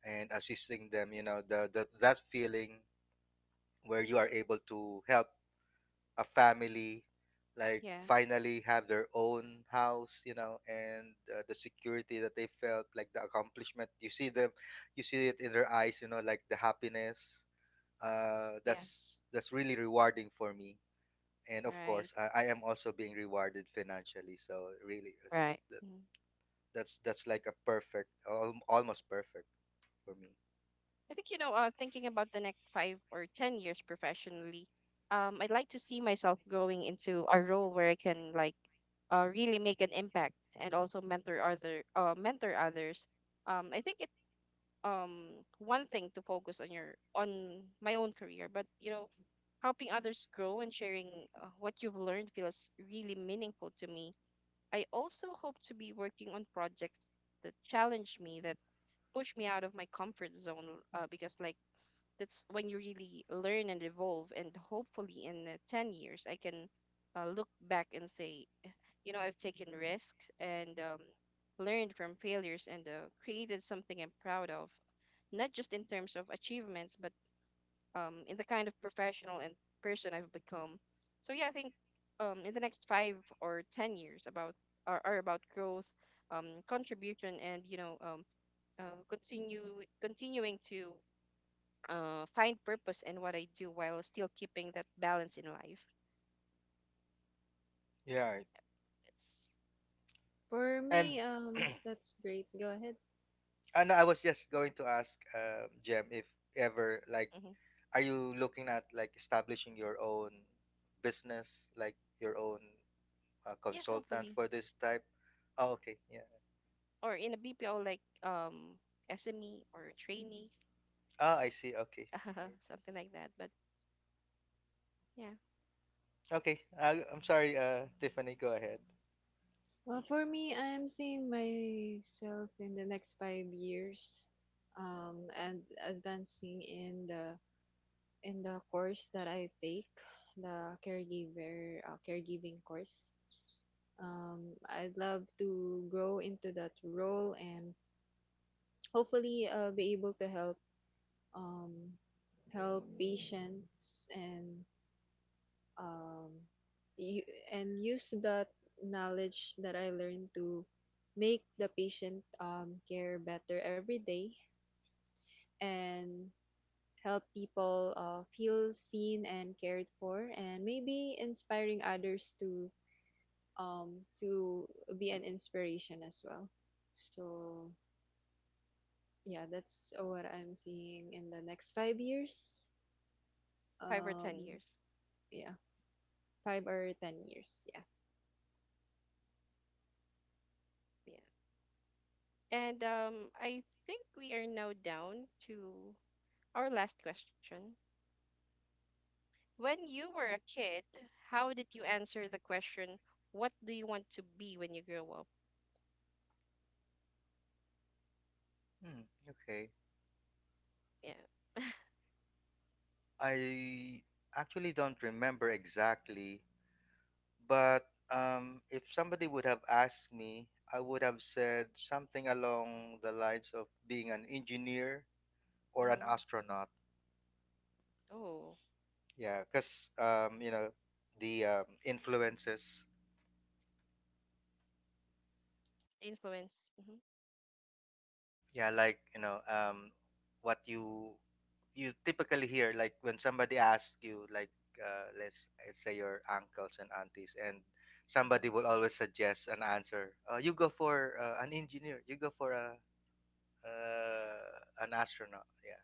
S2: and assisting them. You know, the that feeling where you are able to help a family, like
S1: Yeah.
S2: finally have their own house, you know, and the security that they felt, like the accomplishment. You see them, you see it in their eyes, you know, like the happiness.
S1: Yeah.
S2: That's really rewarding for me, and of course,
S1: Right.
S2: I am also being rewarded financially. So really, is
S1: Right.
S2: that,
S1: Mhm.
S2: that's like a perfect, al- almost perfect for me.
S1: I think, you know, thinking about the next 5 or 10 years professionally, I'd like to see myself going into a role where I can, like, really make an impact and also mentor others. I think it one thing to focus on your on my own career, but, you know, helping others grow and sharing what you've learned feels really meaningful to me. I also hope to be working on projects that challenge me, that push me out of my comfort zone, because, like, that's when you really learn and evolve. And hopefully in 10 years, I can look back and say, you know, I've taken risks and, learned from failures, and created something I'm proud of, not just in terms of achievements, but, in the kind of professional and person I've become. So yeah, I think, in the next 5 or 10 years, about are about growth, contribution, and, you know, continue continuing to find purpose in what I do while still keeping that balance in life.
S2: Yeah, it-
S1: That's
S3: For
S2: and
S3: me, that's great. Go ahead.
S2: and I was just going to ask Jem if ever like
S1: mhm.
S2: are you looking at like establishing your own business, like your own
S1: Yes,
S2: consultant
S1: hopefully.
S2: for this type? Oh, okay. Yeah.
S1: Or in a BPO, like SME or trainee,
S2: Oh, I see. Okay. Right.
S1: something like that. But yeah,
S2: Okay. I, I'm sorry, Tiffany. Go ahead.
S3: Well, for me, I'm seeing myself in the next 5 years, and advancing in the course that I take, the caregiver caregiving course. I'd love to grow into that role and hopefully be able to help um, help patients and um, you, and use that knowledge that I learned to make the patient care better every day, and help people feel seen and cared for, and maybe inspiring others to be an inspiration as well. So yeah, that's what I'm seeing in the next 5 years.
S1: five or ten
S3: Um,
S1: years.
S3: yeah, 5 or 10 years. Yeah.
S1: Yeah. And I think we are now down to our last question. When you were a kid, how did you answer the question, "What do you want to be when you grow up?"
S2: Hmm. Okay.
S1: Yeah.
S2: I actually don't remember exactly, but if somebody would have asked me, I would have said something along the lines of being an engineer or an
S1: Mm-hmm.
S2: astronaut.
S1: Oh,
S2: Yeah, because you know, the influences.
S1: influence. Mm-hmm.
S2: Yeah, like you know, what you typically hear, like when somebody asks you, like let's say your uncles and aunties, and somebody
S1: Mm-hmm.
S2: will always suggest an answer. You go for an engineer. You go for a an astronaut. Yeah.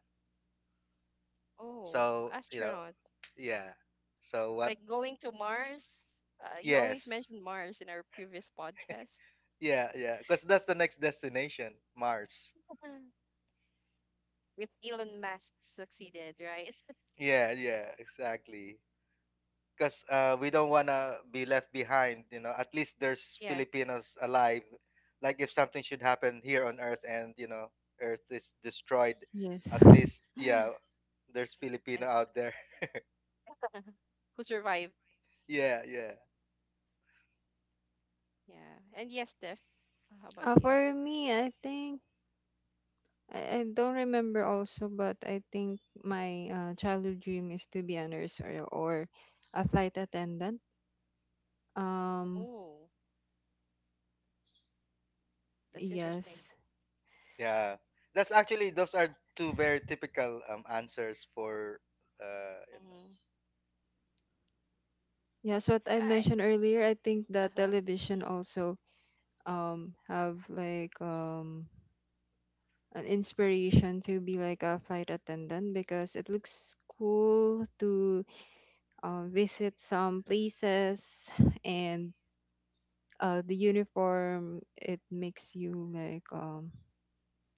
S1: Oh,
S2: So you know,
S1: astronaut.
S2: yeah. So what?
S1: Like going to Mars. You always
S2: Yes.
S1: mentioned Mars in our previous podcast.
S2: Yeah, yeah. Because that's the next destination, Mars.
S1: With Elon Musk succeeded, right?
S2: Yeah, yeah, exactly. Because we don't want to be left behind. You know, at least there's
S1: Yes.
S2: Filipinos alive. Like if something should happen here on Earth, and you know Earth is destroyed,
S3: Yes.
S2: at least yeah, there's Filipino
S1: And
S2: out there.
S1: who survived?
S2: Yeah, yeah,
S1: Yeah. And yes, Steph, how about you?
S3: For me, I think I don't remember also, but I think my childhood dream is to be a nurse, or a flight attendant. Um,
S1: Oh, that's interesting.
S3: yes.
S2: yeah. That's actually those are two very typical answers for. You know,
S1: Mm-hmm.
S3: Yes, what I
S1: I
S3: mentioned earlier, I think that
S1: uh-huh.
S3: television also have like an inspiration to be like a flight attendant, because it looks cool to visit some places, and the uniform, it makes you like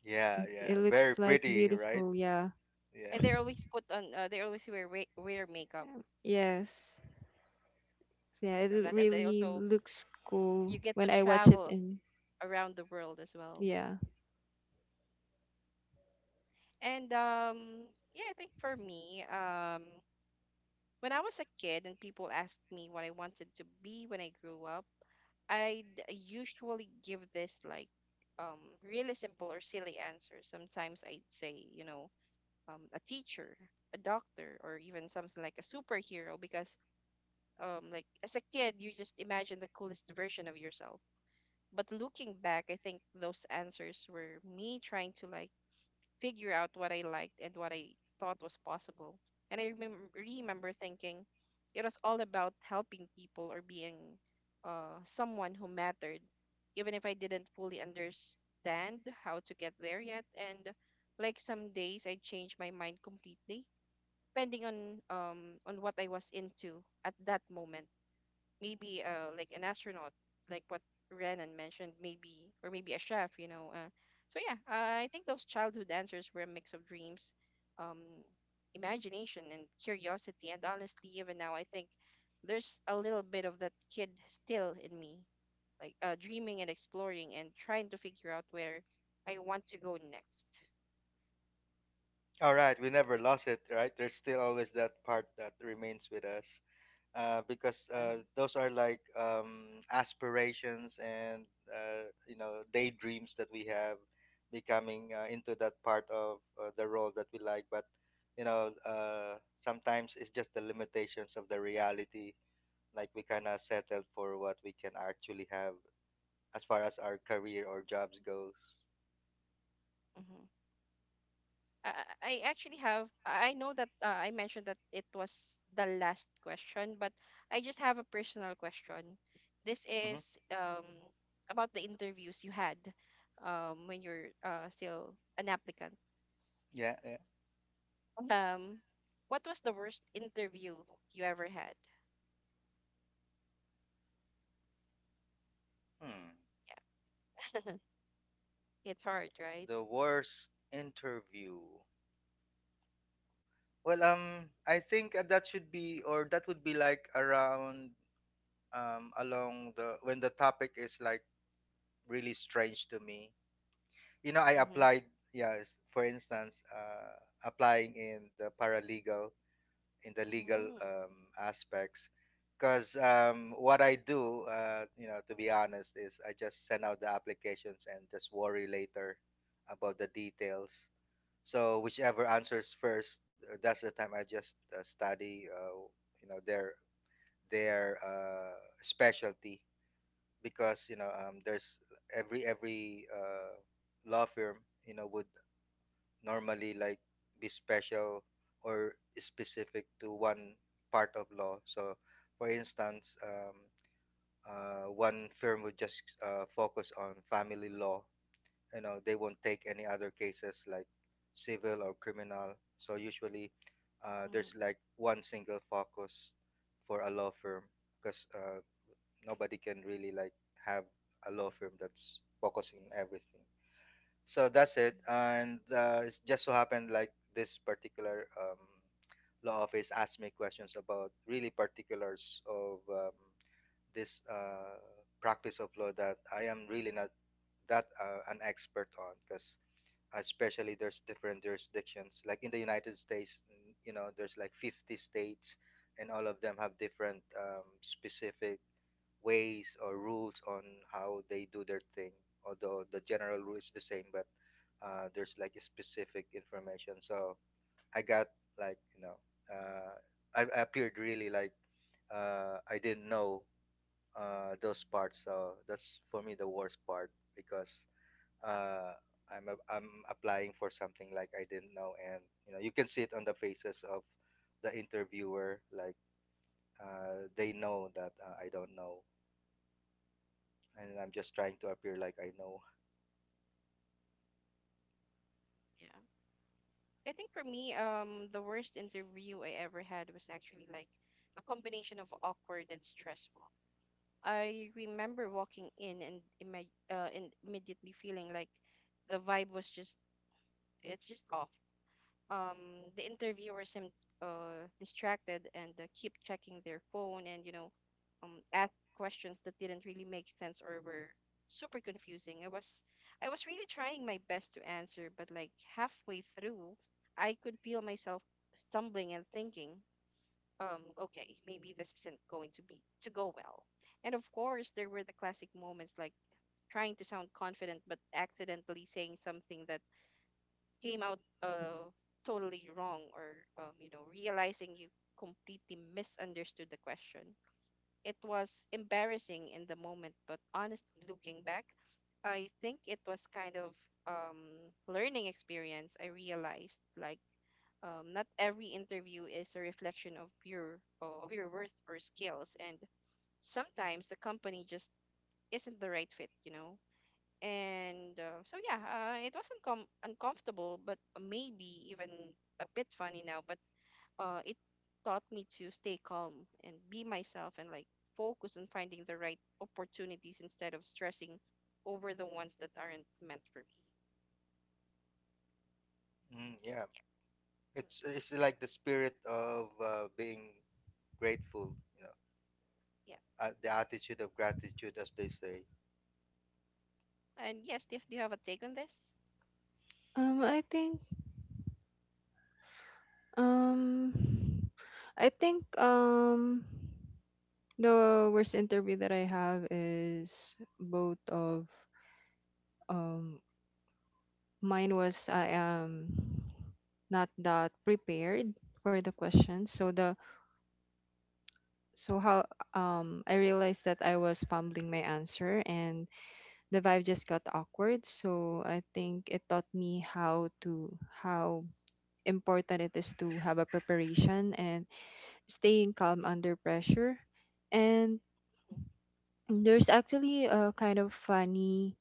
S2: yeah, yeah,
S3: it looks
S2: very
S3: like
S2: pretty, right?
S3: beautiful, yeah.
S2: Yeah.
S1: And they always put on they always wear wear makeup
S3: Yes. So, yeah,
S1: aside from
S3: it
S1: that. And they
S3: really
S1: also,
S3: looks cool
S1: you get
S3: when
S1: to
S3: I watch it
S1: travel
S3: in.
S1: around the world as well.
S3: Yeah.
S1: And yeah, I think for me, when I was a kid and people asked me what I wanted to be when I grew up, I'd usually give this, like, um really simple or silly answer. Sometimes I'd say, you know, a teacher, a doctor, or even something like a superhero, because, like, as a kid you just imagine the coolest version of yourself. But looking back, I think those answers were me trying to, like, figure out what I liked and what I thought was possible. And remember thinking it was all about helping people or being someone who mattered, even if I didn't fully understand how to get there yet. And, like, some days I changed my mind completely, depending on what I was into at that moment, maybe like an astronaut, like what Renan mentioned, maybe, or maybe a chef, you know. So yeah, I think those childhood answers were a mix of dreams, um, imagination, and curiosity. And honestly, even now, I think there's a little bit of that kid still in me, like, dreaming and exploring and trying to figure out where I want to go next.
S2: All right, we never lost it, right? There's still always that part that remains with us. Because
S1: Yeah.
S2: those are like aspirations and you know daydreams that we have becoming into that part of the role that we like. But you know sometimes it's just the limitations of the reality, like we kind of settled for what we can actually have as far as our career or jobs goes.
S1: Uh-huh. I, I actually have. I know that I mentioned that it was the last question, but I just have a personal question. This
S2: Hmm,
S1: is about the interviews you had when you're still an applicant.
S2: yeah, yeah.
S1: Um, what was the worst interview you ever had?
S2: Hmm.
S1: Yeah, it's hard, right?
S2: The worst interview, well, I think that should be, or that would be like around along the when the topic is like really strange to me. You know, I
S1: Mm-hmm.
S2: applied. Yes, for instance, applying in the paralegal, in the legal
S1: Mm-hmm.
S2: aspects, because what I do, you know, to be honest, is I just send out the applications and just worry later about the details. So whichever answers first, that's the time I just study. You know, their specialty, because you know there's every law firm, you know, would normally like be special or specific to one part of law. So for instance one firm would just focus on family law. You know they won't take any other cases like civil or criminal. So usually there's like one single focus for a law firm, because nobody can really like have a law firm that's focusing on everything. So that's it. And it's just so happened like this particular law office asked me questions about really particulars of this practice of law that I am really not that an expert on. Because especially there's different jurisdictions, like in the United States, you know there's like 50 states and all of them have different specific ways or rules on how they do their thing. Although the general rule is the same, but there's like a specific information. So I got like, you know, uh, I appeared really like I didn't know those parts. So that's for me the worst part, because uh, I'm, a, I'm applying for something like I didn't know, and you know you can see it on the faces of the interviewer, like they know that I don't know, and I'm just trying to appear like I know.
S1: Yeah. I think for me, the worst interview I ever had was actually like a combination of awkward and stressful. I remember walking in and immediately feeling like the vibe was just it's just off. The interviewer seemed distracted and keep checking their phone, and, you know, ask questions that didn't really make sense or were super confusing. I was really trying my best to answer, but, like, halfway through, I could feel myself stumbling and thinking, um, okay, maybe this isn't going to be to go well. And of course, there were the classic moments like trying to sound confident but accidentally saying something that came out totally wrong, or, you know, realizing you completely misunderstood the question. It was embarrassing in the moment, but honestly, looking back, I think it was kind of, learning experience. I realized, like, not every interview is a reflection of your worth or skills, and sometimes the company just isn't the right fit, you know. And so yeah, it wasn't uncomfortable, but maybe even a bit funny now. But it taught me to stay calm and be myself, and, like, focus on finding the right opportunities instead of stressing over the ones that aren't meant for me.
S2: Mm, yeah, it's like the spirit of being grateful, you know,
S1: Yeah. Mm,
S2: the attitude of gratitude, as they say.
S1: yeah. And yes, Steve, do you have a take on this?
S3: I think Um, I think um the worst interview that I have is both of um mine was I am not that prepared for the question. So the so how I realized that I was fumbling my answer, and the vibe just got awkward. So I think it taught me how to how important it is to have a preparation and staying calm under pressure. And
S1: Mm,
S3: there's actually a kind of funny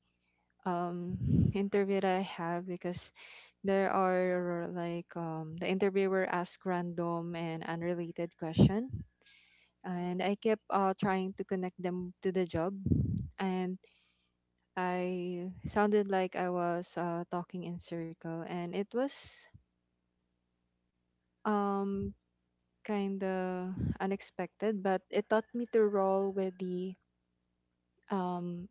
S3: interview that I have, because there are like the interviewer asked random and unrelated question, and
S1: mm.
S3: I kept trying to connect them to the job, and I sounded like I was talking in circle, and it was um, kind of unexpected, but it taught me to roll with the um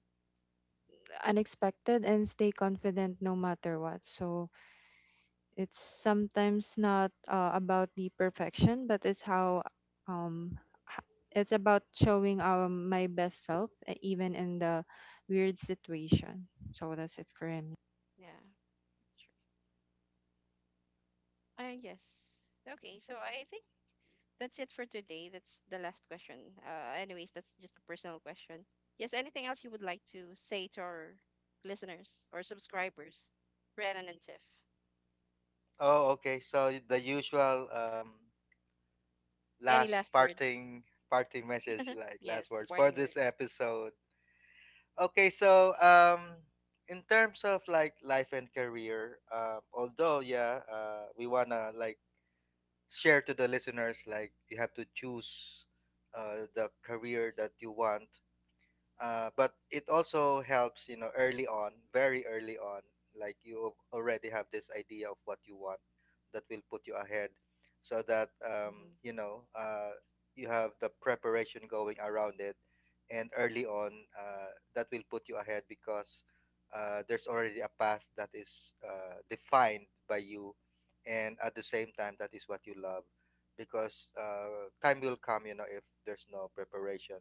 S3: unexpected and stay confident no matter what. So it's sometimes not about the perfection, but it's how um it's about showing our my best self even in the weird situation. So that's it for me.
S1: Yeah, that's true. Yes. Okay, so I think that's it for today. That's the last question. Anyways, that's just a personal question. Yes, anything else you would like to say to our listeners or subscribers, Renan and Tiff?
S2: Oh, okay. So the usual
S1: Any
S2: last
S1: last words?
S2: parting, parting message, like last
S1: Yes, the
S2: words for
S1: parting
S2: this
S1: words.
S2: episode. Okay, so in terms of like life and career, although yeah, we wanna like share to the listeners like you have to choose the career that you want, but it also helps you know early on, very early on, like you already have this idea of what you want. That will put you ahead, so that
S1: Mm-hmm,
S2: you know you have the preparation going around it. And early on, that will put you ahead because there's already a path that is defined by you, and at the same time that is what you love. Because time will come, you know, if there's no preparation,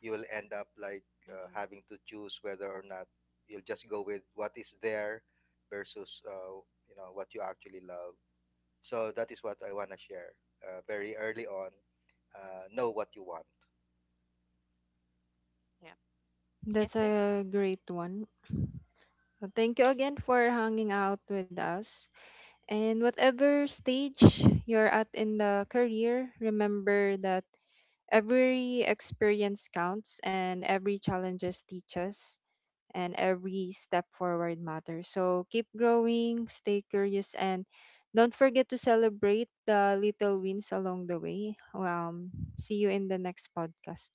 S2: you will end up like
S1: mm-hmm.
S2: having to choose whether or not you'll just go with what is there versus you know what you actually love. So that is what I want to share very early on. Know what you want.
S1: Yeah. Yes,
S3: That's
S1: Tiff?
S3: a great one. Thank you again for hanging out with us. And whatever stage you're at in the career, remember that every experience counts, and every challenges teaches, and every step forward matters. So keep growing, stay curious, and don't forget to celebrate the little wins along the way. See you in the next podcast.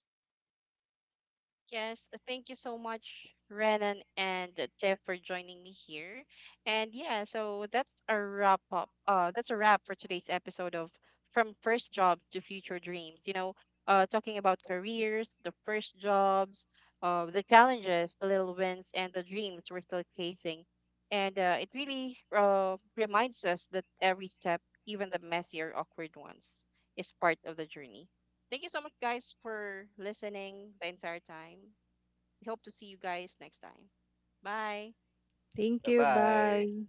S1: Yes, thank you so much, Renan and Tiff, for joining me here. And yeah, so that's a wrap up. That's a wrap for today's episode of From First Jobs to Future Dreams. You know, talking about careers, the first jobs, the challenges, the little wins, and the dreams we're still chasing. And it really reminds us that every step, even the messy or awkward ones, is part of the journey. Thank you so much, guys, for listening the entire time. We hope to see you guys next time. Bye.
S3: Thank
S2: Bye
S3: you.
S2: bye.
S3: Bye.